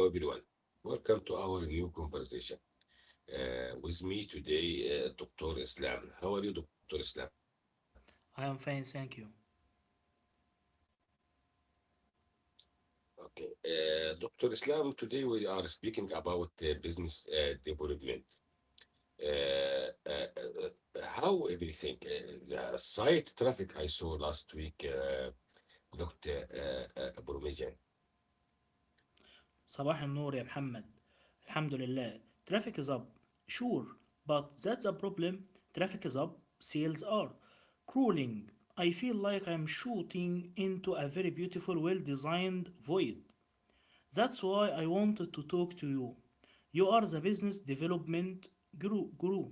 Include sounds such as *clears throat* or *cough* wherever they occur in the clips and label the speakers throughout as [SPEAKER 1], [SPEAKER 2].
[SPEAKER 1] Hello, everyone. Welcome to our new conversation. With me today, Dr. Islam. How are you, Dr. Islam?
[SPEAKER 2] I am fine, thank you.
[SPEAKER 1] Okay. Dr. Islam, today we are speaking about business development. How everything, the site traffic I saw last week looked promising.
[SPEAKER 2] صباح النور يا محمد. Alhamdulillah. Traffic is up. Sure, but that's a problem. Traffic is up, sales are crawling. I feel like I'm shooting into a very beautiful, well designed void. That's why I wanted to talk to you. You are the business development guru.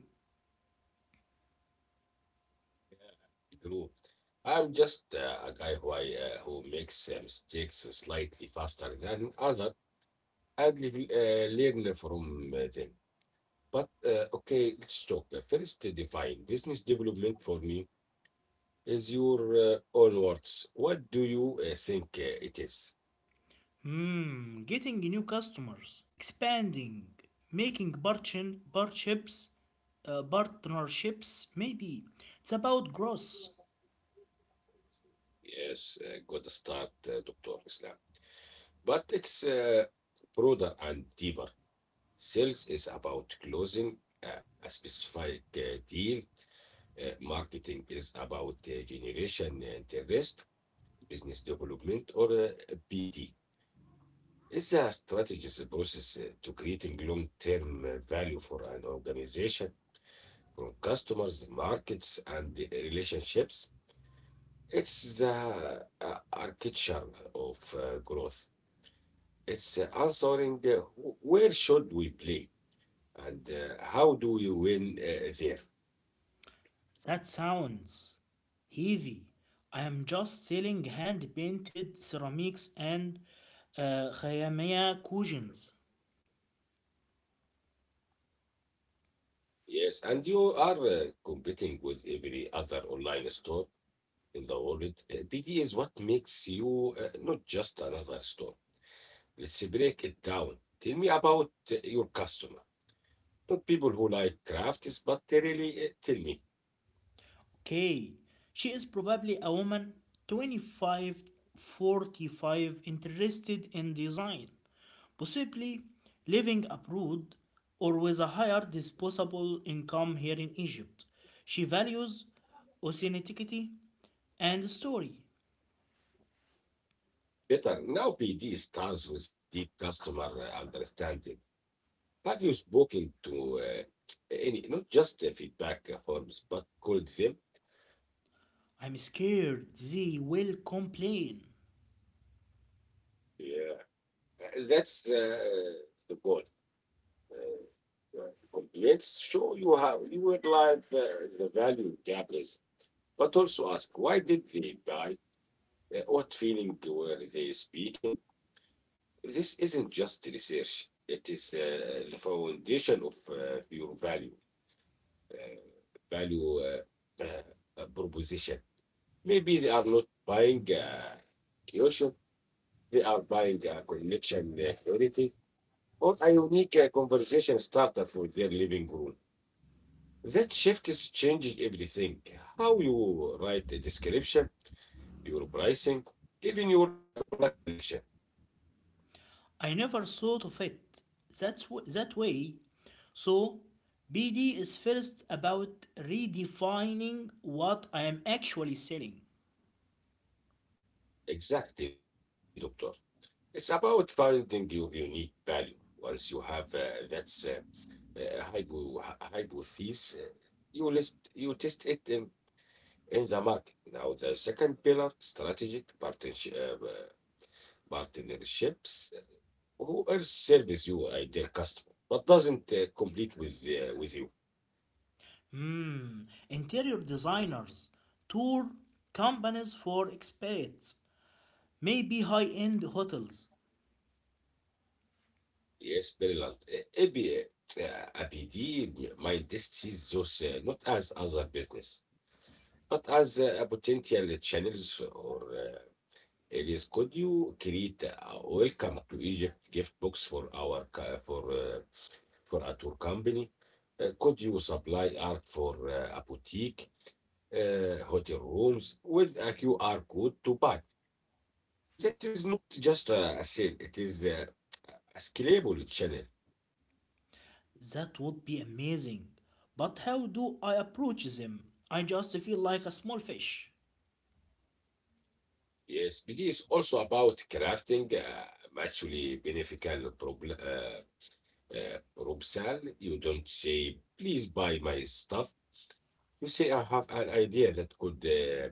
[SPEAKER 1] True. I'm just a guy who makes mistakes slightly faster than other learn from them. But okay, let's talk. First, define business development for me is your own words. What do you think it is?
[SPEAKER 2] Hmm, getting new customers, expanding, making partnerships, maybe. It's about growth.
[SPEAKER 1] Yes, good start, Dr. Islam. But it's broader and deeper. Sales is about closing a specific deal. Marketing is about generation and interest, business development, or BD. Is there a strategies process to creating long-term value for an organization, from customers, markets, and the relationships. It's the architecture of growth. It's answering where should we play and how do we win there.
[SPEAKER 2] That sounds heavy. I am just selling hand painted ceramics and خيامية cushions.
[SPEAKER 1] Yes, and you are competing with every other online store in the world. BD is what makes you not just another store. Let's break it down. Tell me about your customer. Not people who like crafts, but they really tell me.
[SPEAKER 2] Okay, she is probably a woman 25, 45, interested in design, possibly living abroad or with a higher disposable income here in Egypt. She values authenticity and story.
[SPEAKER 1] Better now, PD starts with deep customer understanding. Have you spoken to any, not just feedback forms, but called them?
[SPEAKER 2] I'm scared they will complain.
[SPEAKER 1] Yeah. That's the goal. Uh, Complaints show you how you would like the value gap is, but also ask why did they buy? What feeling were they speaking? This isn't just research, it is the foundation of your value, uh, value uh, uh, proposition. Maybe they are not buying a cushion, they are buying a connection quality or a unique conversation starter for their living room. That shift is changing everything, how you write a description, your pricing, even your product selection.
[SPEAKER 2] I never thought of it that way. So, BD is first about redefining what I am actually selling.
[SPEAKER 1] Exactly, doctor. It's about finding your unique value. Once you have hypothesis, you test it in the market. Now the second pillar, strategic partnerships. Who else serves your ideal customer, but doesn't complete with you?
[SPEAKER 2] Hmm, interior designers, tour companies for expats, maybe high end hotels.
[SPEAKER 1] Yes, brilliant. Uh, AB, uh, APD. My just see those not as other business but as a potential channels or Elias, could you create a welcome to Egypt gift box for our for a tour company? Could you supply art for a boutique, hotel rooms with a QR code to buy? That is not just a sale; it is a scalable channel.
[SPEAKER 2] That would be amazing. But how do I approach them? I just feel like a small fish.
[SPEAKER 1] Yes, BD is also about crafting mutually beneficial problem proposal. You don't say, "Please buy my stuff." You see, I have an idea that could uh,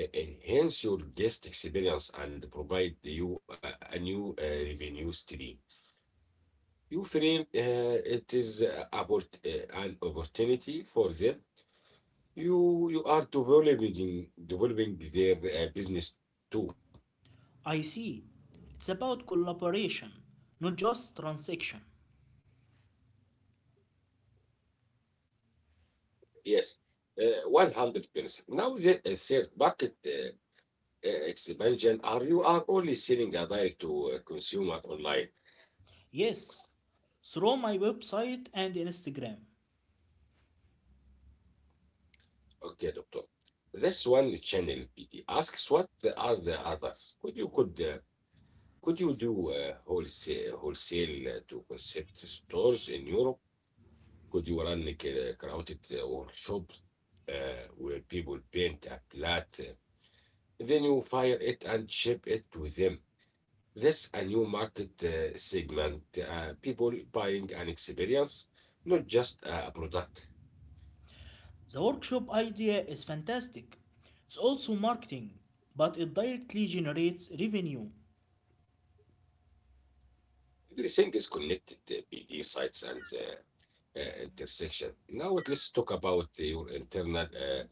[SPEAKER 1] e- enhance your guest experience and provide you a new revenue stream. You frame it is about an opportunity for them. You are developing their business too.
[SPEAKER 2] I see. It's about collaboration, not just transaction.
[SPEAKER 1] Yes, 100%. Now there a third market expansion. Are you are only selling a direct to consumer online?
[SPEAKER 2] Yes, through my website and Instagram.
[SPEAKER 1] Okay, doctor. That's one channel. PD asks what are the others? Could you do wholesale to concept stores in Europe? Could you run a crowded workshop where people paint a then you fire it and ship it to them? That's a new market segment. People buying an experience, not just a product.
[SPEAKER 2] The workshop idea is fantastic. It's also marketing, but it directly generates revenue.
[SPEAKER 1] Everything is connected, PD sites and the intersection. Now let's talk about your internal uh,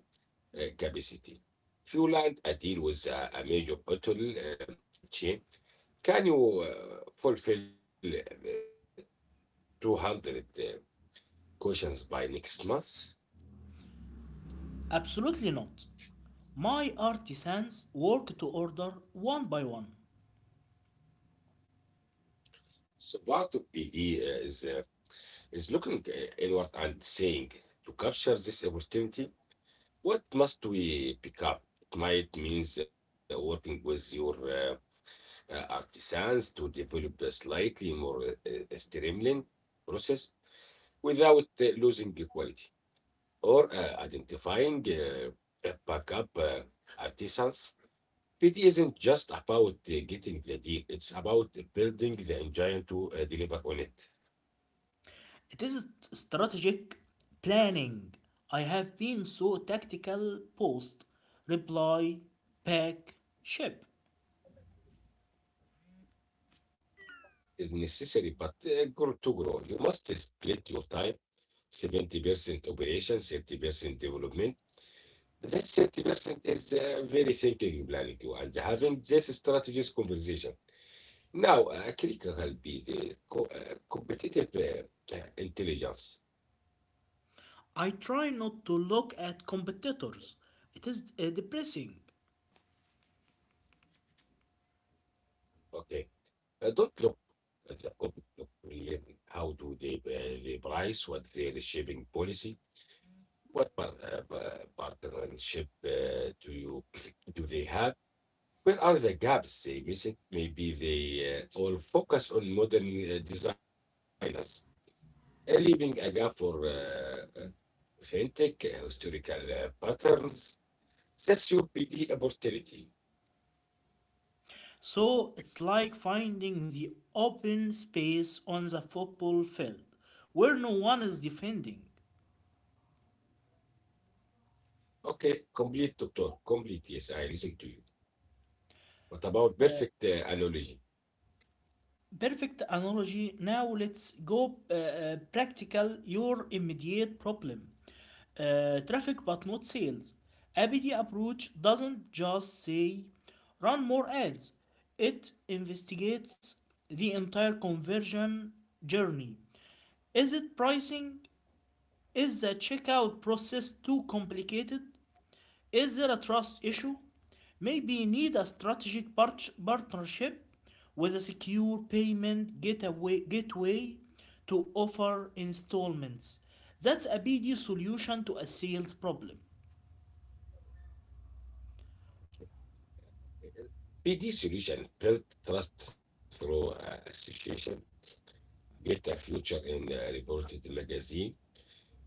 [SPEAKER 1] uh, capacity. If you land a deal with a major hotel chain, can you fulfill 200 questions by next month?
[SPEAKER 2] Absolutely not. My artisans work to order one by one.
[SPEAKER 1] So part of PD is looking inward and saying, to capture this opportunity, what must we pick up? It might means working with your artisans to develop a slightly more streamlined process without losing the quality or identifying a backup artisans. It isn't just about getting the deal, it's about building the engine to deliver on it.
[SPEAKER 2] It is strategic planning. I have been so tactical: post, reply, pack, ship.
[SPEAKER 1] It's necessary, but grow. You must split your time 70% operation, 30% development. That's interesting. It's very, thank you, and having this strategies conversation. Now, critical be the co competitive intelligence.
[SPEAKER 2] I try not to look at competitors. It is depressing.
[SPEAKER 1] Okay, don't look at the public opinion. How do they price? What their shipping policy? What partnership do you *clears throat* do they have? Where are the gaps they missing? Maybe they all focus on modern designers leaving a gap for authentic historical patterns that should be the opportunity.
[SPEAKER 2] So it's like finding the open space on the football field where no one is defending.
[SPEAKER 1] Okay, complete, doctor. Complete. Yes, I listen to you. What about perfect analogy?
[SPEAKER 2] Perfect analogy. Now let's go practical. Your immediate problem, traffic, but not sales. ABD approach doesn't just say run more ads, it investigates the entire conversion journey. Is it pricing? Is the checkout process too complicated? Is there a trust issue? Maybe you need a strategic partnership with a secure payment gateway to offer installments. That's a BD solution to a sales problem.
[SPEAKER 1] PD solution built trust through association, get a future in a reported magazine,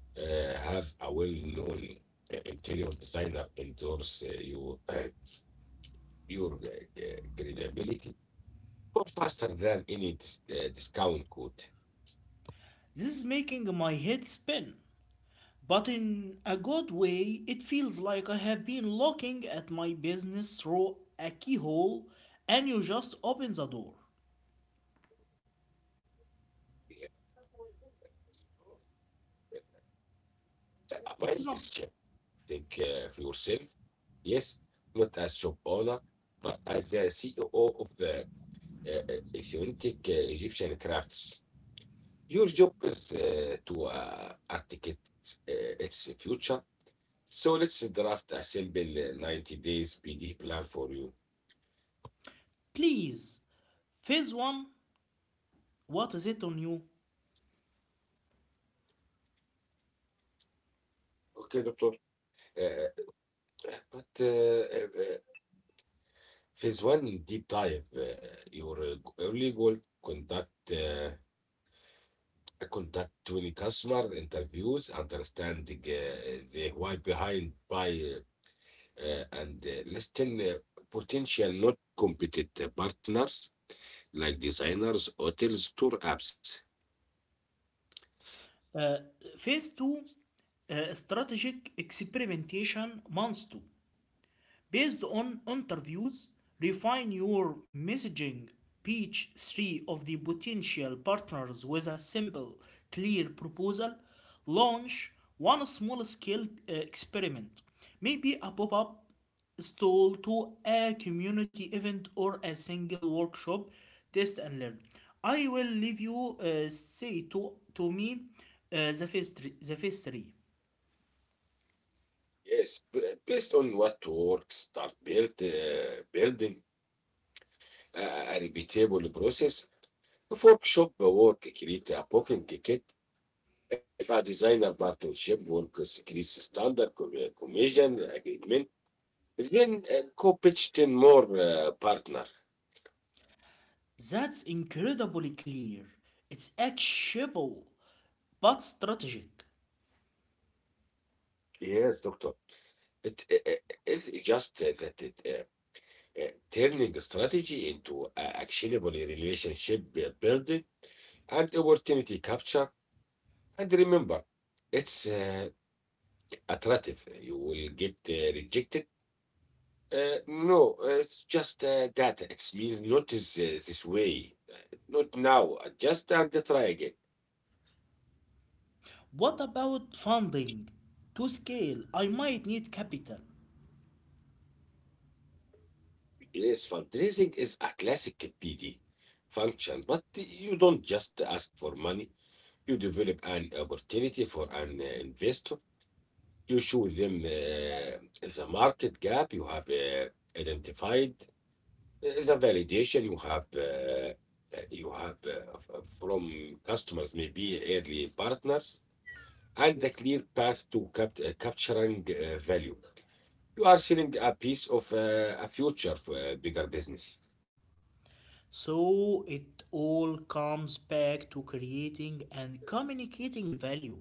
[SPEAKER 1] have a well known interior designer endorse you, your credibility for faster than any discount code.
[SPEAKER 2] This is making my head spin. But in a good way, it feels like I have been looking at my business through a keyhole and you just open the door.
[SPEAKER 1] The
[SPEAKER 2] It
[SPEAKER 1] mind
[SPEAKER 2] is a.
[SPEAKER 1] is shift. Take care of yourself. Yes, not as shop owner, but as the CEO of authentic Egyptian crafts. Your job is to articulate uh, its future. So let's draft a simple 90 days PD plan for you.
[SPEAKER 2] Please. Phase 1, what is it on you?
[SPEAKER 1] Okay, doctor. Uh, but Phase one, deep dive, your early goal, conduct contact with customer interviews, understanding the why behind buy, and listing potential not competitive partners like designers, hotels, tour apps.
[SPEAKER 2] فيز 2 استراتيجيك اكسبيرمنتيشن مانث 2. Based on interviews, refine your messaging, pitch three of the potential partners with a simple, clear proposal. Launch one small scale experiment, maybe a pop up stall to a community event or a single workshop. Test and learn. I will leave you, say to me the first three.
[SPEAKER 1] Yes, based on what works, building a, a repeatable process. If workshop work, create a booking ticket. If a designer partnership works, create standard commission agreement. Then co pitched in more partner.
[SPEAKER 2] That's incredibly clear. It's actionable, but strategic.
[SPEAKER 1] Yes, doctor. It's just turning strategy into a actionable relationship building and opportunity capture. And remember, it's attractive. You will get rejected. No, it's just data. It means not is, this way, not now. Adjust and try again.
[SPEAKER 2] What about funding? To scale, I might need capital.
[SPEAKER 1] Yes, fundraising is a classic PD function, but you don't just ask for money. You develop an opportunity for an investor. You show them the market gap you have identified, the validation you have from customers, maybe early partners, and the clear path to capturing value. You are selling a piece of a future for a bigger business.
[SPEAKER 2] So it all comes back to creating and communicating value.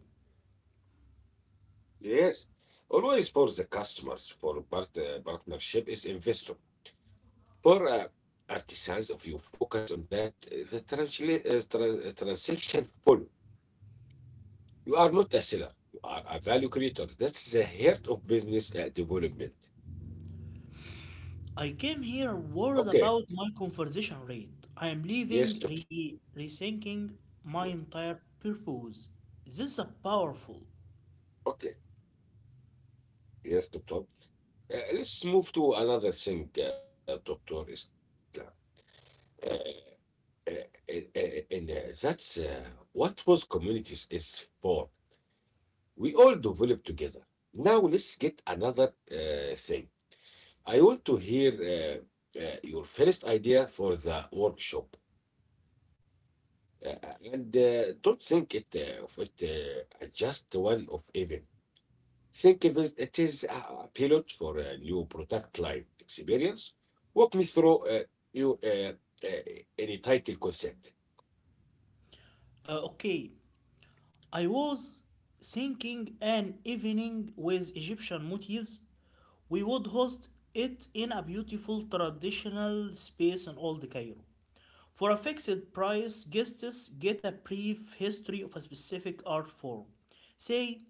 [SPEAKER 1] Yes. Always for the customers, for partnership is investor. For artisans, if you focus on that, the transaction follow. You are not a seller. You are a value creator. That's the heart of business development.
[SPEAKER 2] I came here worried
[SPEAKER 1] Okay.
[SPEAKER 2] about my conversion rate.
[SPEAKER 1] Yes,
[SPEAKER 2] I am
[SPEAKER 1] doctor.
[SPEAKER 2] leaving rethinking
[SPEAKER 1] Yeah.
[SPEAKER 2] my entire purpose. This is a powerful.
[SPEAKER 1] Okay. Yes, doctor. Let's move to another thing, Doctor Islam. Uh, uh, uh, and That's what was communities is for. We all develop together. Now let's get another thing. I want to hear your first idea for the workshop. And Don't think it of it just one of event. Think of it, it is a pilot for a new product line experience. Walk me through your uh, any title concept.
[SPEAKER 2] Okay, I was thinking an evening with Egyptian motifs. We would host it in a beautiful traditional space in Old Cairo. For a fixed price, guests get a brief history of a specific art form, say,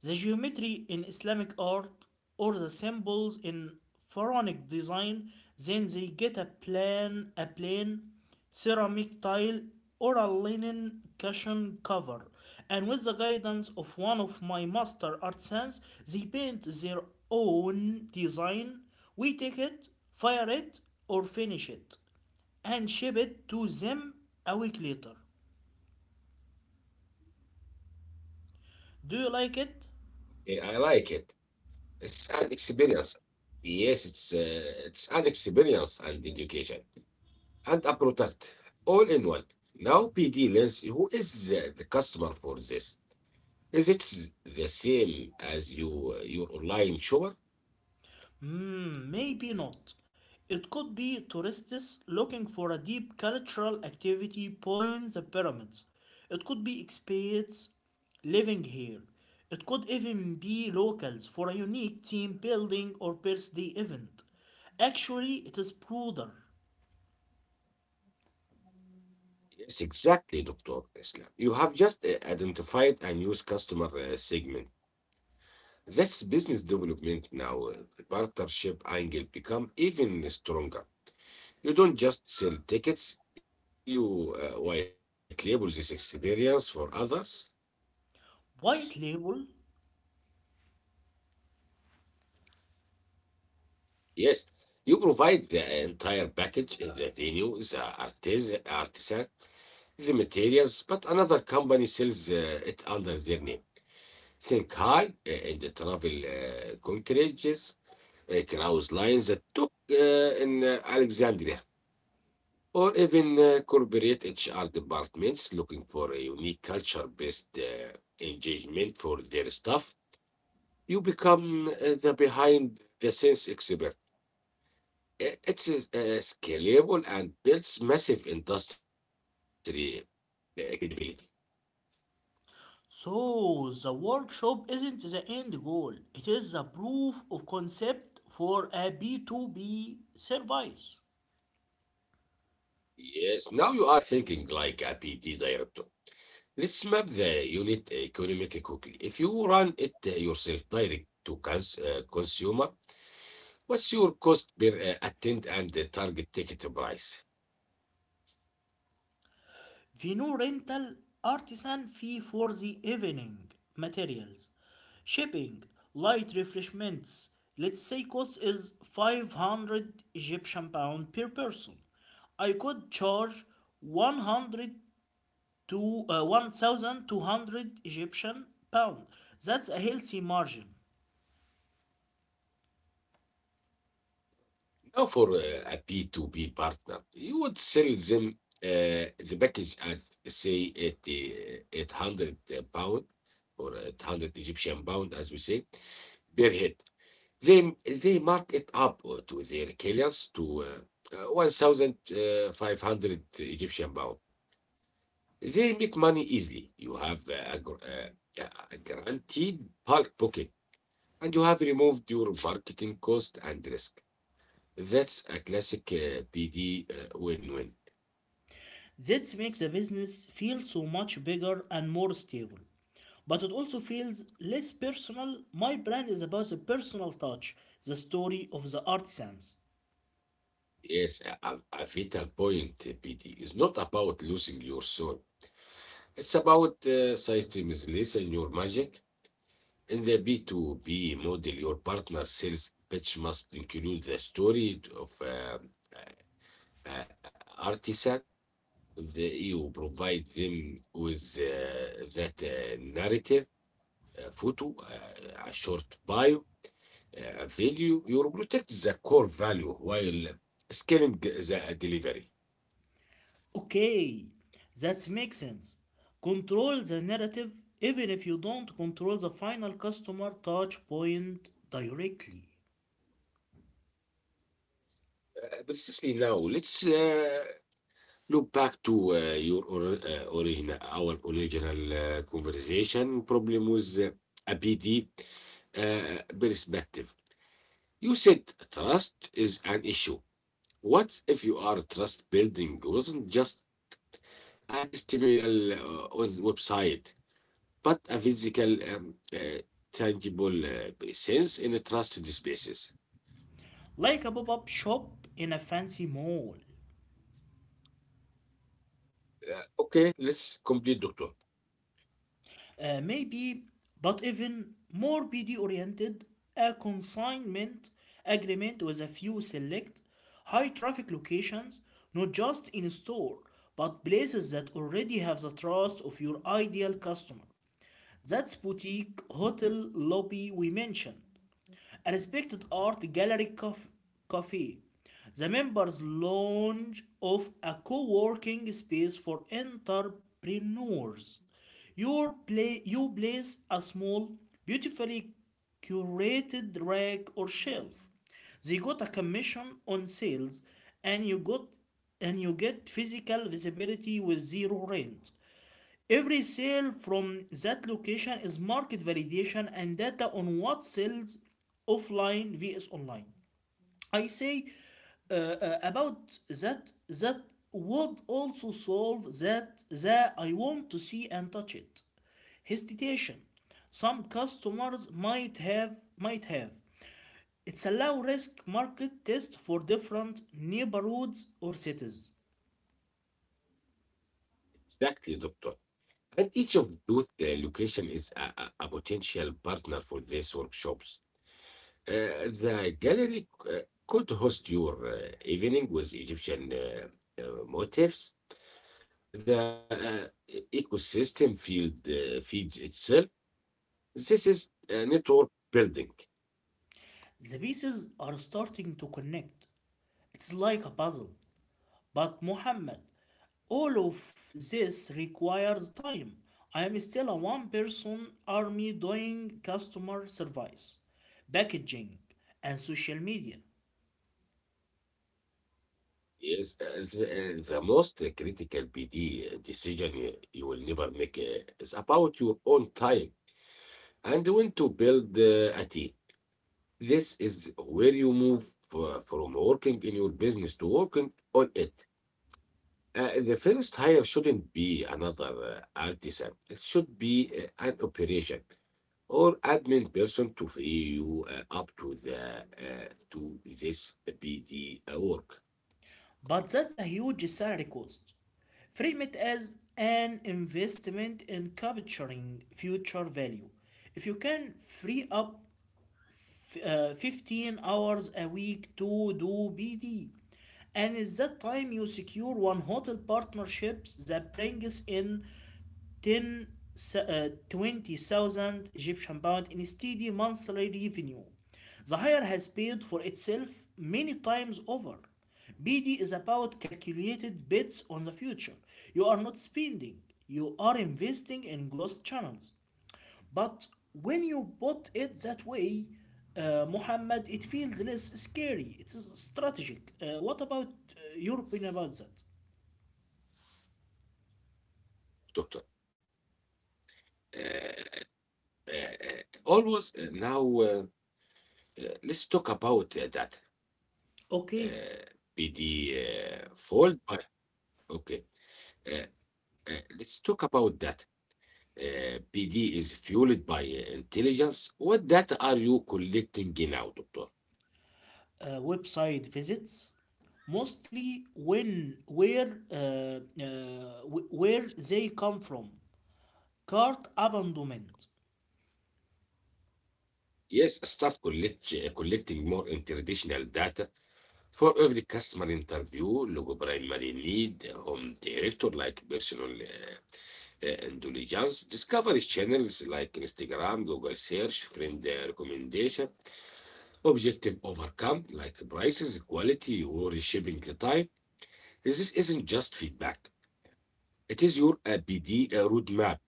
[SPEAKER 2] the geometry in Islamic art or the symbols in Pharaonic design. Then they get a a plane, ceramic tile, or a linen cushion cover. And with the guidance of one of my master artisans, they paint their own design. We take it, fire it, or finish it and ship it to them a week later. Do you like
[SPEAKER 1] I
[SPEAKER 2] it?
[SPEAKER 1] like it. It's an experience. Yes, it's an experience and education, and a product all in one. Now PD Lens, who is the customer for this? Is the same as your online shopper?
[SPEAKER 2] Hmm, maybe not. It could be tourists looking for a deep cultural activity point the pyramids. It could be expats living here. It could even be locals for a unique team building or birthday event. Actually, it is broader.
[SPEAKER 1] Yes, exactly, Dr. Islam. You have just identified a new customer segment. That's business development now. The partnership angle become even stronger. You don't just sell tickets, you white label this experience for others.
[SPEAKER 2] White label.
[SPEAKER 1] Yes, you provide the entire package, the venue, the artisan, the materials, but another company sells it under their name. Think high in the travel concretes, cruise lines that took in Alexandria, or even corporate HR departments looking for a unique culture based engagement for their staff. You become the behind the scenes expert. It's scalable and builds massive industry credibility.
[SPEAKER 2] So, the workshop isn't the end goal, it is the proof of concept for a B2B service.
[SPEAKER 1] Yes, now you are thinking like a P D director. Let's map the unit economically quickly. If you run it yourself direct to consumer, what's your cost per attend and the target ticket price?
[SPEAKER 2] Vino rental, artisan fee for the evening, materials, shipping, light refreshments. Let's say cost is 500 Egyptian pound per person. I could charge 100 to 1,200 Egyptian pound. That's a healthy margin.
[SPEAKER 1] Now, for a B2B partner, you would sell them the package at, say, at 800 pound or at 100 Egyptian pound, as we say, per head. They mark it up to their clients to 1,500 Egyptian pound. They make money easily. You have uh, a guaranteed bulk booking, and you have removed your marketing cost and risk. That's a classic PD win win.
[SPEAKER 2] This makes a business feel so much bigger and more stable. But it also feels less personal. My brand is about the personal touch, the story of the artisans.
[SPEAKER 1] Yes, a vital point. PD is not about losing your soul, it's about systemization your magic. In the B2B model, your partner sales pitch must include the story of a- a- artisan. The, you provide them with that narrative, a photo, a short bio value, you protect the core value while scaling the delivery.
[SPEAKER 2] Okay, that makes sense. Control the narrative even if you don't control the final customer touch point directly.
[SPEAKER 1] Precisely. Now, let's look back to our original conversation problem with a PD perspective. You said trust is an issue. What if your trust building wasn't just a testimonial on website, but a physical, tangible sense in a trusted spaces?
[SPEAKER 2] Like a pop up shop in a fancy mall.
[SPEAKER 1] Okay, let's complete, doctor.
[SPEAKER 2] Maybe, but even more BD oriented, a consignment agreement with a few select high traffic locations, not just in store, but places that already have the trust of your ideal customer. That's boutique hotel lobby we mentioned, a respected art gallery cafe, the members' lounge of a co working space for entrepreneurs. You place a small, beautifully curated rack or shelf. They got a commission on sales, and you got and you get physical visibility with zero rent. Every sale from that location is market validation and data on what sells offline vs online. I say about that, that would also solve that that I want to see and touch it. Hesitation. Some customers might have. It's a low risk market test for different neighborhoods or cities.
[SPEAKER 1] Exactly, doctor. And each of those location is a potential partner for these workshops. Uh, the gallery could host your evening with Egyptian motifs. The ecosystem field feeds itself. This is network building.
[SPEAKER 2] The pieces are starting to connect. It's like a puzzle. But Muhammad, all of this requires time. I am still a one person army doing customer service, packaging, and social media.
[SPEAKER 1] Yes, the most critical PD decision you will never make is about your own time and when to build a team. This is where you move from working in your business to working on it. The first hire shouldn't be another artisan. It should be an operation or admin person to free you up to the to this PD work,
[SPEAKER 2] But that's a huge salary cost. Frame it as an investment in capturing future value. If you can free up 15 hours a week to do BD. And in that time, you secure one hotel partnerships that brings in 10, 20,000 Egyptian pound in steady monthly revenue. The hire has paid for itself many times over. BD is about calculated bets on the future. You are not spending, you are investing in growth channels. But when you put it that way, Muhammad, it feels less scary. It is strategic. What about your opinion about that?
[SPEAKER 1] doctor. Uh, Always now let's talk about that
[SPEAKER 2] Okay,
[SPEAKER 1] uh, PD fold. Okay, uh, let's talk about that. PD is fueled by intelligence. What data are you collecting now, doctor?
[SPEAKER 2] website visits, mostly where they come from. Cart abandonment.
[SPEAKER 1] Yes, start collecting more international data. For every customer interview, logo primary need home director like personal indulgence, discovery channels like Instagram, Google search, friend recommendation, objective overcome like prices, quality, or shipping time. This isn't just feedback. It is your BD roadmap.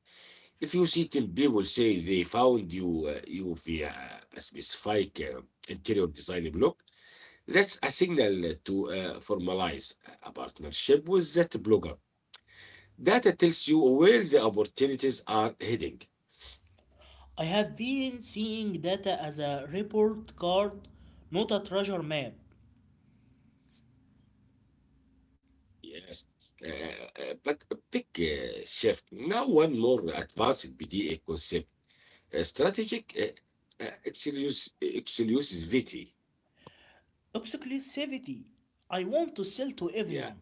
[SPEAKER 1] If you see 10 people say they found you, via a specific interior design blog, that's a signal to formalize a partnership with that blogger. Data tells you where the opportunities are heading.
[SPEAKER 2] I have been seeing data as a report card, not a treasure map.
[SPEAKER 1] Yes. But a big shift. Now, one more advanced BDA concept, strategic excellusis.
[SPEAKER 2] Exclusivity. I want to sell to
[SPEAKER 1] Yeah,
[SPEAKER 2] everyone.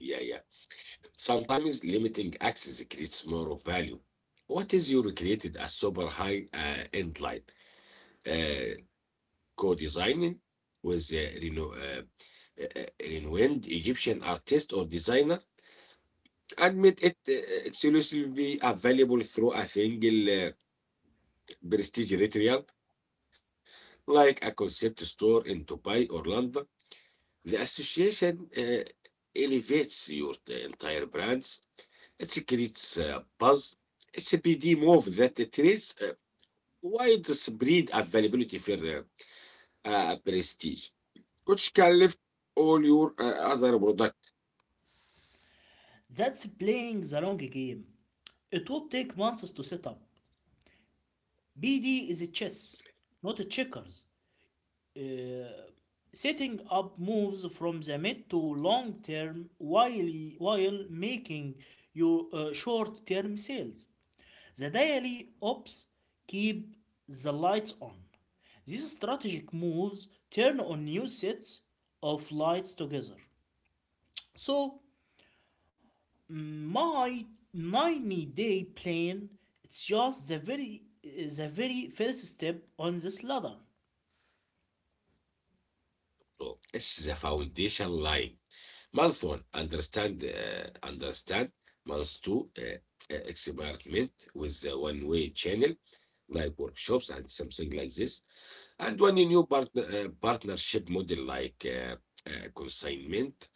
[SPEAKER 1] yeah, yeah. Sometimes limiting access creates more of value. What is your created a super high end line? Uh, Co designing with the reno- a renowned Egyptian artist or designer, admit it exclusively available through a single prestige ritual like a concept store in Dubai or London. The association elevates your the entire brands. It creates buzz. It's a PD move that it creates widespread availability for prestige, which can lift all your other products.
[SPEAKER 2] That's playing the long game. It would take months to set up. BD is a chess, not a checkers. Setting up moves from the mid to long term, while making your short term sales. The daily ops keep the lights on. These strategic moves turn on new sets of lights together. So my 90-day plan, it's just the very first step on this ladder.
[SPEAKER 1] So it's the foundation line. Month one, understand. Month two, experiment with the one-way channel, like workshops and something like this, and one new partnership model like consignment.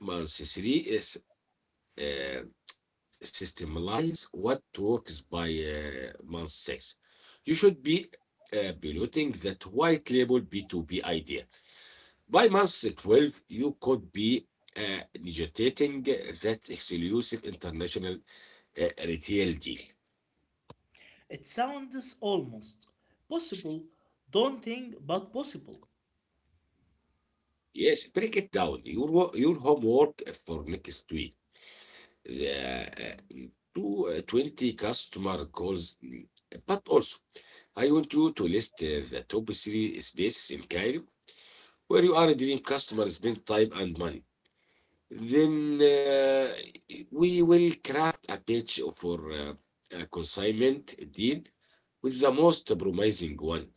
[SPEAKER 1] Month three is systemalize what works. By month six, you should be piloting that white label B2B idea. By month 12, you could be negotiating that exclusive international retail deal.
[SPEAKER 2] It sounds almost possible, daunting but possible.
[SPEAKER 1] Yes, break it down. Your homework for next week. The, uh, 20 customer calls. But also, I want you to list the top three spaces in Cairo where you are a dream customer spend time and money. Then we will craft a pitch for a consignment deal with the most promising one.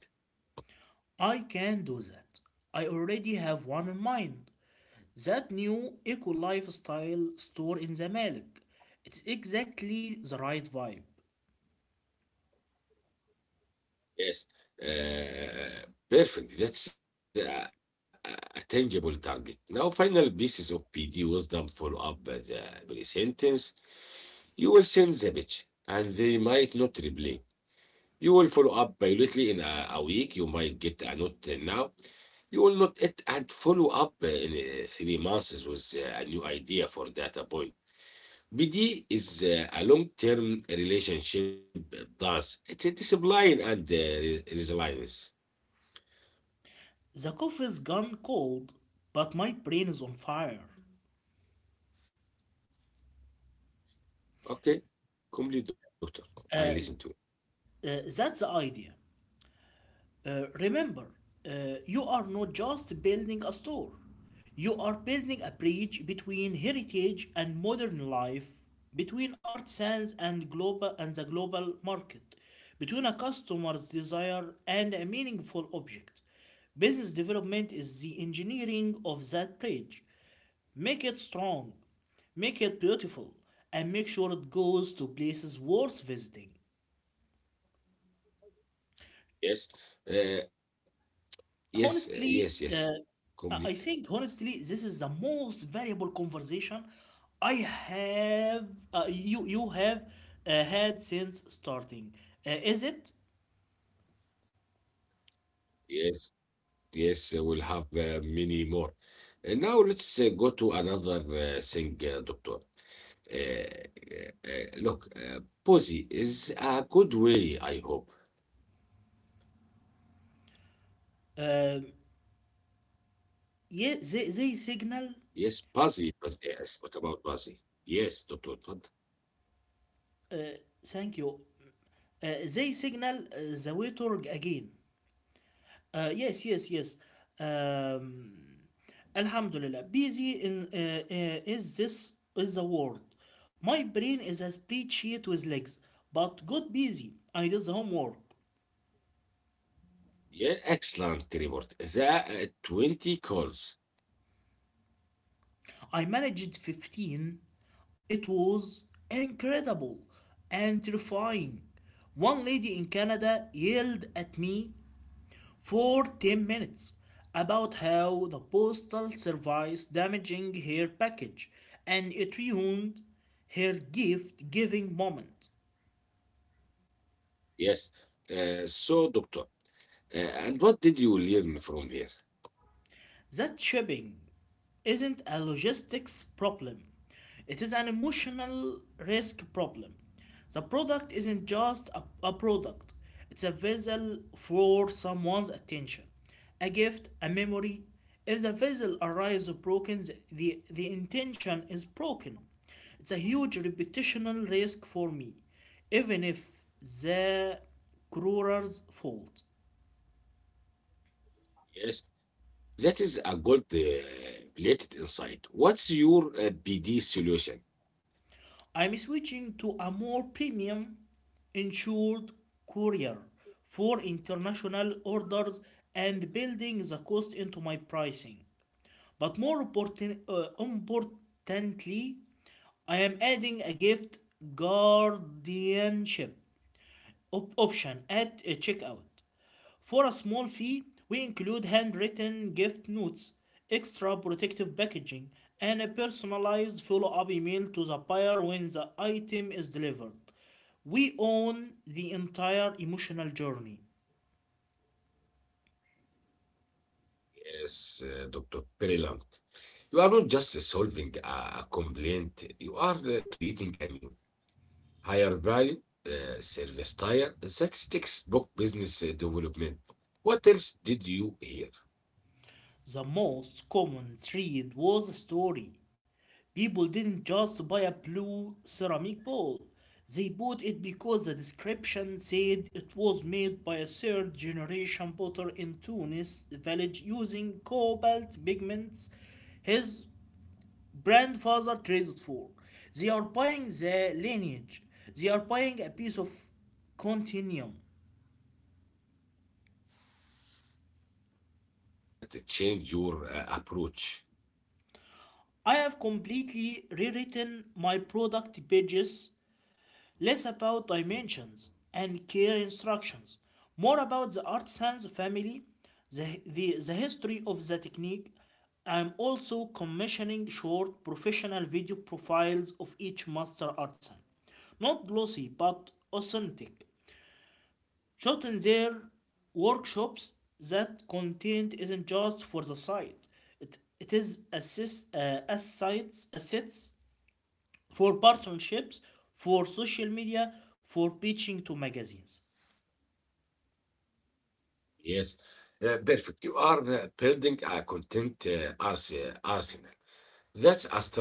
[SPEAKER 2] I can do that. I already have one in mind. That new eco lifestyle store in the Malik. It's exactly the right vibe.
[SPEAKER 1] Yes. Perfect. That's a tangible target. Now, final pieces of PD wisdom, follow up the pre sentence. You will send the pitch, and they might not reply. You will follow up biologically in a week. You might get a note now. You will not it and follow up in 3 months with a new idea for data point. BD is a long-term relationship dance. It's a discipline and resilience.
[SPEAKER 2] The coffee's gone cold, but my brain is on fire.
[SPEAKER 1] Okay, complete, doctor. I
[SPEAKER 2] Uh,
[SPEAKER 1] listen to you.
[SPEAKER 2] that's the idea. Remember, you are not just building a store, you are building a bridge between heritage and modern life, between artisans and the global market, between a customer's desire and a meaningful object. Business development is the engineering of that bridge. Make it strong, make it beautiful, and make sure it goes to places worth visiting.
[SPEAKER 1] Yes, uh,
[SPEAKER 2] Honestly,
[SPEAKER 1] yes, yes.
[SPEAKER 2] I think
[SPEAKER 1] Complete.
[SPEAKER 2] honestly, this is the most valuable conversation I have you you have had since starting. Is it?
[SPEAKER 1] Yes. Yes, we'll have many more. And now let's go to another thing, Doctor. Look, Posy is a good way, I hope.
[SPEAKER 2] Uh, yeah, they signal.
[SPEAKER 1] Yes, Posy, Posy, yes. What about Posy? Yes, Doctor. اتفضل.
[SPEAKER 2] Thank you. Uh, they signal the waiter again. Yes, yes, yes. Um, Alhamdulillah, busy in, is this is the world. My brain is a spreadsheet with legs, but got busy. I did the homework.
[SPEAKER 1] Yeah, excellent report. The 20 calls.
[SPEAKER 2] I managed 15. It was incredible and terrifying. One lady in Canada yelled at me for 10 minutes about how the postal service damaging her package and it ruined her gift giving moment.
[SPEAKER 1] Yes. So, Doctor, and what did you learn from here?
[SPEAKER 2] That shipping isn't a logistics problem, it is an emotional risk problem. The product isn't just a product, it's a vessel for someone's attention, a gift, a memory. If the vessel arrives broken, the intention is broken. It's a huge reputational risk for me, even if the crew's fault.
[SPEAKER 1] Yes. That is a gold plated insight. What's your BD solution?
[SPEAKER 2] I'm switching to a more premium insured courier for international orders and building the cost into my pricing. But importantly, I am adding a gift guardianship option at checkout. For a small fee, we include handwritten gift notes, extra protective packaging, and a personalized follow up email to the buyer when the item is delivered. We own the entire emotional journey.
[SPEAKER 1] Yes, Dr. Perilam, you are not just solving a complaint, you are creating a new, higher value service tier. That's textbook business development. What else did you hear?
[SPEAKER 2] The most common thread was a story. People didn't just buy a blue ceramic bowl. They bought it because the description said it was made by a third generation potter in Tunis village using cobalt pigments his grandfather traded for. They are buying the lineage. They are buying a piece of continuum.
[SPEAKER 1] So, doctor, how does that change your approach?
[SPEAKER 2] I have completely rewritten my product pages, less about dimensions and care instructions, more about the artisan's family, the history of the technique. I'm also commissioning short professional video profiles of each master artisan. Not glossy but authentic, shot in their workshops. That content isn't just for the site. It is assets for partnerships, for social media, for pitching to magazines.
[SPEAKER 1] Yes, perfect. You are building a content arsenal.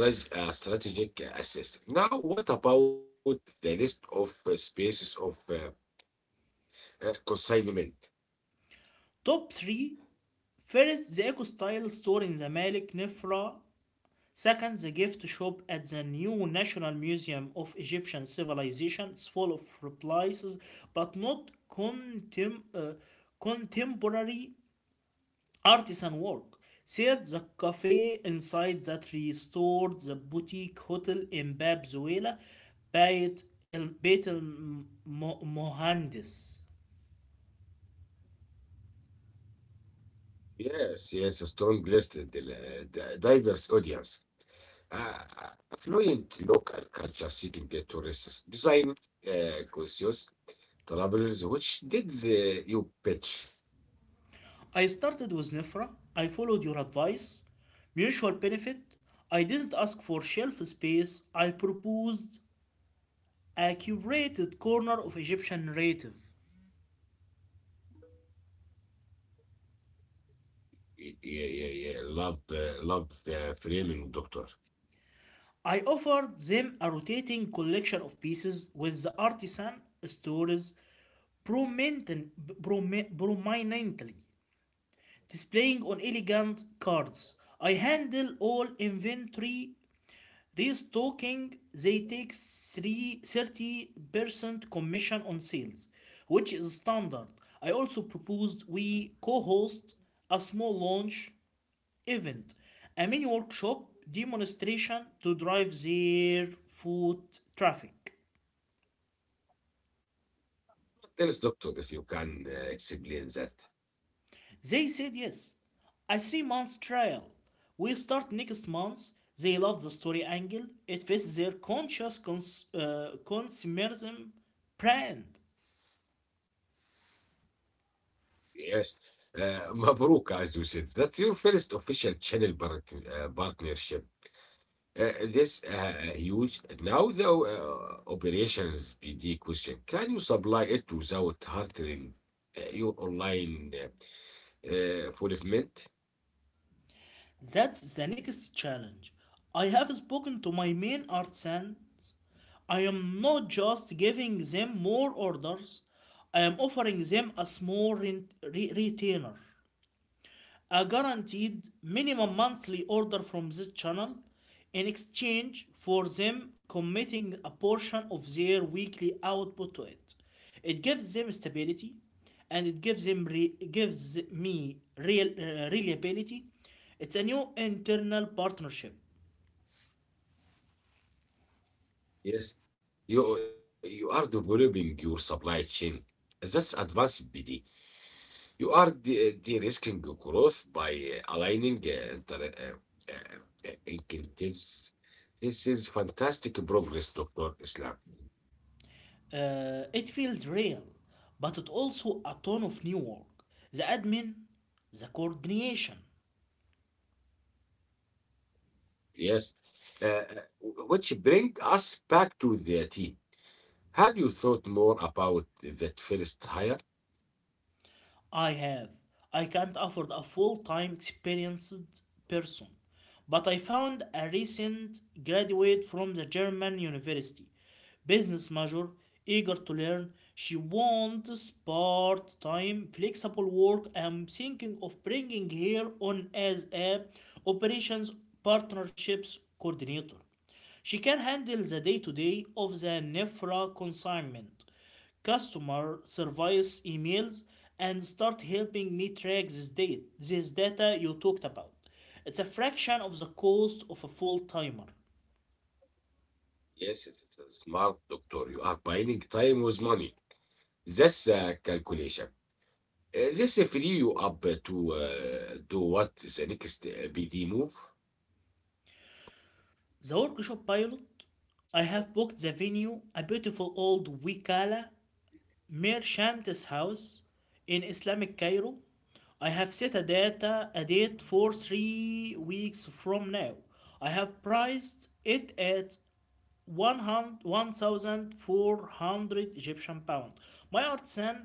[SPEAKER 1] That's a strategic assist. Now, what about the list of spaces of consignment?
[SPEAKER 2] Top 3, first, the Ecostyle store in the Malik Nefra. Second, the gift shop at the new National Museum of Egyptian Civilization. It's full of replies, but not contemporary artisan work. Served the cafe inside that restored the boutique hotel in Bab Zuela, Bayt El Bayt Mohandis.
[SPEAKER 1] Yes, yes, a strong list, and the diverse audience, uh, affluent local culture seeking the tourists, design conscious travelers, which did you pitch?
[SPEAKER 2] I started with Nifra. I followed your advice. Mutual benefit. I didn't ask for shelf space. I proposed a curated corner of Egyptian narrative.
[SPEAKER 1] Yeah, yeah, yeah. Love, love the framing, doctor.
[SPEAKER 2] I offered them a rotating collection of pieces with the artisan stories prominently, displaying on elegant cards. I handle all inventory restocking. They take 30% commission on sales, which is standard. I also proposed we co host a small launch event, a mini workshop demonstration to drive their foot traffic.
[SPEAKER 1] Tell us, doctor, if you can explain that.
[SPEAKER 2] They said yes. A 3 month trial. We start next month. They love the story angle. It fits their conscious consumerism brand.
[SPEAKER 1] Yes. Mabruk, as you said. That's your first official partnership. This huge. Now the operations PD question: can you supply it without hurting your online fulfillment?
[SPEAKER 2] That's the next challenge. I have spoken to my main artisans. I am not just giving them more orders, I am offering them a small retainer, a guaranteed minimum monthly order from this channel in exchange for them committing a portion of their weekly output to it. It gives them stability and it gives me real reliability. It's a new internal partnership.
[SPEAKER 1] Yes, you are developing your supply chain. That's advanced PD. You are de-risking growth by aligning incentives. This is fantastic progress, Dr. Islam.
[SPEAKER 2] It feels real, but it also a ton of new work. The admin, the coordination,
[SPEAKER 1] Yes. Uh, uh, which bring us back to the team. Have you thought more about that first hire?
[SPEAKER 2] I have. I can't afford a full time experienced person, but I found a recent graduate from the German university, business major, eager to learn. She wants part time flexible work. I'm thinking of bringing her on as a operations partnerships coordinator. She can handle the day-to-day -day of the Nefra consignment, customer service emails, and start helping me track this data you talked about. It's a fraction of the cost of a full timer.
[SPEAKER 1] Yes, it's a smart, doctor. You are buying time with money. That's the calculation. This free you up to do what is the next BD move.
[SPEAKER 2] The workshop pilot, I have booked the venue, a beautiful old Wikala Mir Shanta's house in Islamic Cairo. I have set a date for 3 weeks from now. I have priced it at 100 1,400 Egyptian pound. My artisan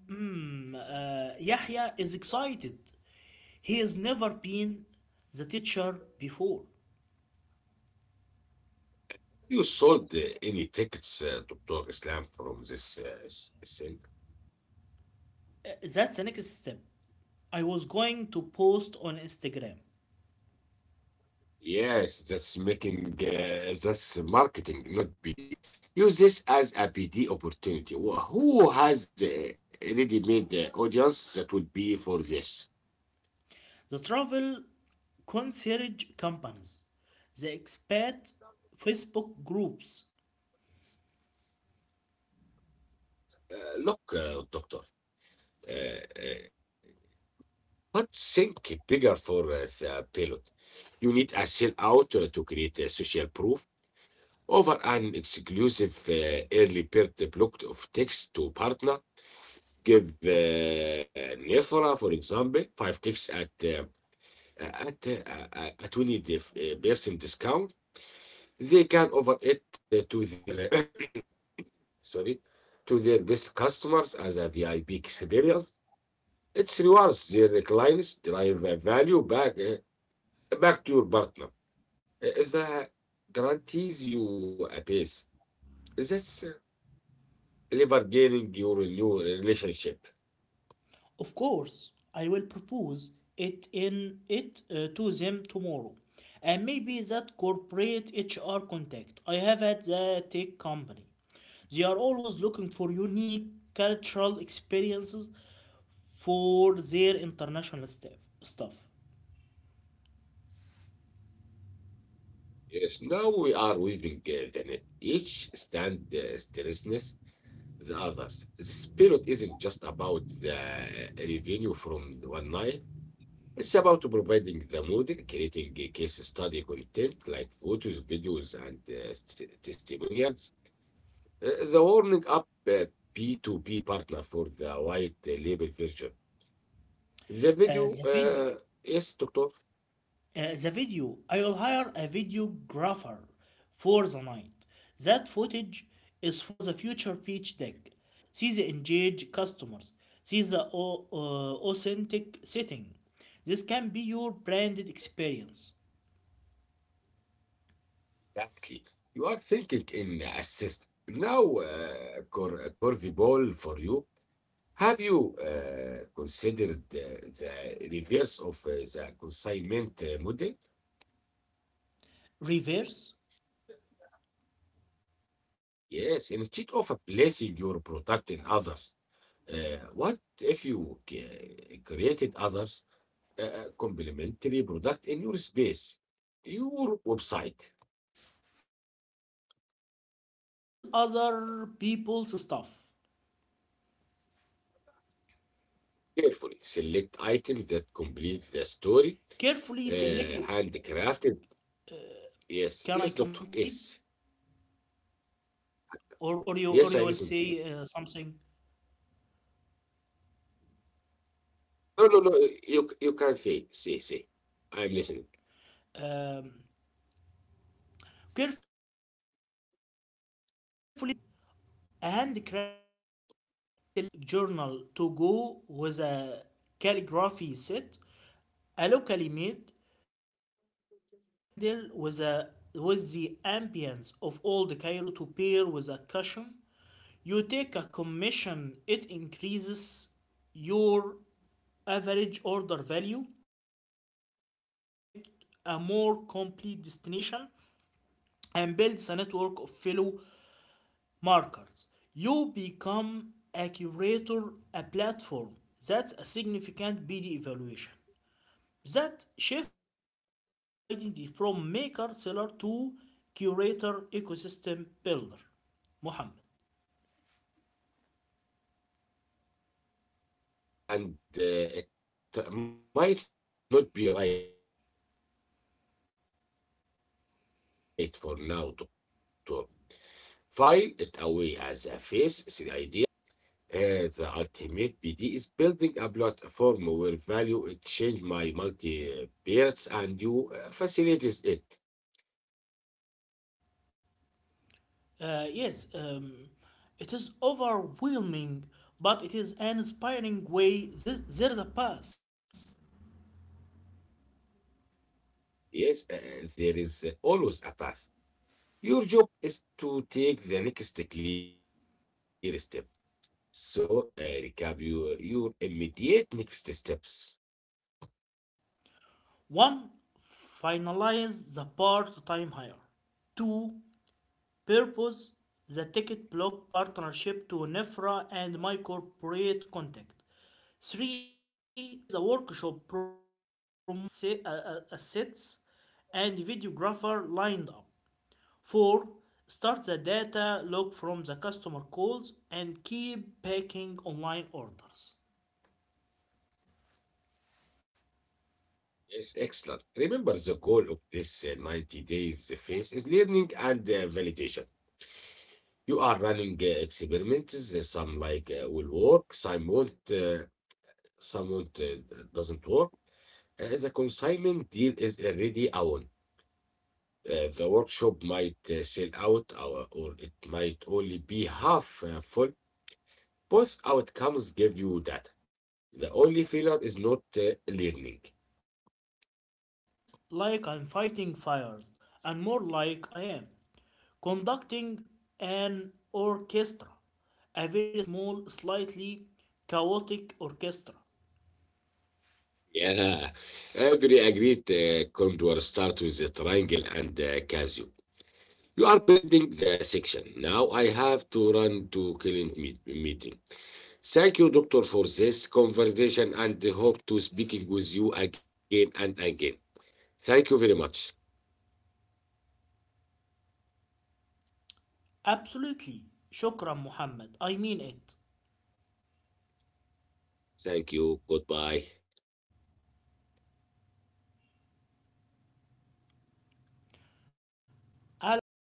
[SPEAKER 2] Yahya is excited. He has never been the teacher before.
[SPEAKER 1] You sold any tickets, Dr. Islam, from this thing?
[SPEAKER 2] That's the next step. I was going to post on Instagram.
[SPEAKER 1] Yes, that's making that's marketing, not BD. Use this as a B D opportunity. Who has already made the audience that would be for this?
[SPEAKER 2] The travel concierge companies, the expat Facebook groups.
[SPEAKER 1] Look, doctor, uh, uh, can't think bigger for the pilot. You need a sellout to create a social proof over an exclusive early bird block of text to partner. Give Nefra, for example, five ticks at a percent discount. They can offer it to their *clears throat* sorry, to their best customers as a VIP experience. It rewards the clients, drive a value back back to your partner. The guarantees you a base. That's lever gaining your new relationship.
[SPEAKER 2] Of course, I will propose it to them tomorrow. And maybe that corporate HR contact I have at the tech company. They are always looking for unique cultural experiences for their international staff. Stuff.
[SPEAKER 1] Yes, now we are weaving the net. Each stand stressless the others. This spirit isn't just about the revenue from the one night. It's about providing the model, creating a case study content like photos, videos, and testimonials. The warming up P2P partner for the white label version. The
[SPEAKER 2] Uh, the
[SPEAKER 1] video,
[SPEAKER 2] video,
[SPEAKER 1] yes, doctor,
[SPEAKER 2] The video, I will hire a videographer for the night. That footage is for the future pitch deck. See the engaged customers. See the authentic setting. This can be your branded experience.
[SPEAKER 1] exactly. You are thinking in assist. Now, Corviball for you. Have you considered the reverse of the consignment model?
[SPEAKER 2] Reverse?
[SPEAKER 1] Yes, instead of placing your product in others, what if you created others complementary product in your space, your website?
[SPEAKER 2] You mean sell other people's stuff.
[SPEAKER 1] Carefully select items that complete the story,
[SPEAKER 2] Carefully selected.
[SPEAKER 1] handcrafted. Yes,
[SPEAKER 2] Can
[SPEAKER 1] yes,
[SPEAKER 2] I
[SPEAKER 1] doctor.
[SPEAKER 2] complete?
[SPEAKER 1] Yes,
[SPEAKER 2] Or, or, you,
[SPEAKER 1] yes,
[SPEAKER 2] or
[SPEAKER 1] I
[SPEAKER 2] you will
[SPEAKER 1] listen to you.
[SPEAKER 2] say something.
[SPEAKER 1] No, no, no. You can say. I'm listening.
[SPEAKER 2] Um, Carefully selected items that complete the story. A handcrafted leather journal to go with a calligraphy set, a locally made scented candle with the ambience of old Cairo to pair with a cushion. You take a commission, it increases your average order value, makes your site a more complete destination, and builds a network of fellow markers. You become a curator, a platform. That's a significant BD evaluation. That shifts the whole identity from maker seller to curator ecosystem builder. Mohammed.
[SPEAKER 1] Okay, okay, it does, and it might not be right for now, Doctor. File it away as a face 3 idea, but it shows you where the leader leads. The ultimate BD is building a platform where value exchange my multi peers and you facilitates it.
[SPEAKER 2] Yes, it is overwhelming, but it is an inspiring way. There is a path.
[SPEAKER 1] Yes, and there is always a path. Your job is to take the next clear step. So recap your immediate next steps.
[SPEAKER 2] One, finalize the part time hire. Two, purpose the ticket block partnership to NEFRA and my corporate contact. Three, get the workshop promotional assets and videographer lined up. Four, start the data log from the customer calls and keep packing online orders.
[SPEAKER 1] Yes, excellent. Remember, the goal of this 90 days phase is learning and validation. You are running experiments. Some will work, some won't, doesn't work. The consignment deal is already a win. The workshop might sell out, or it might only be half full. Both outcomes give you that. The only failure is not learning.
[SPEAKER 2] I feel less like I'm fighting fires and more like I am. Conducting an orchestra, a very small, slightly chaotic orchestra.
[SPEAKER 1] Yeah, every agreed. The condor start with the triangle and the casio. You are building the section. Now I have to run to meeting. Thank you, doctor, for this conversation, and hope to speaking with you again and again. Thank you very much.
[SPEAKER 2] Absolutely. Shukran, Muhammad. I mean it.
[SPEAKER 1] Thank you. Goodbye.
[SPEAKER 2] Allah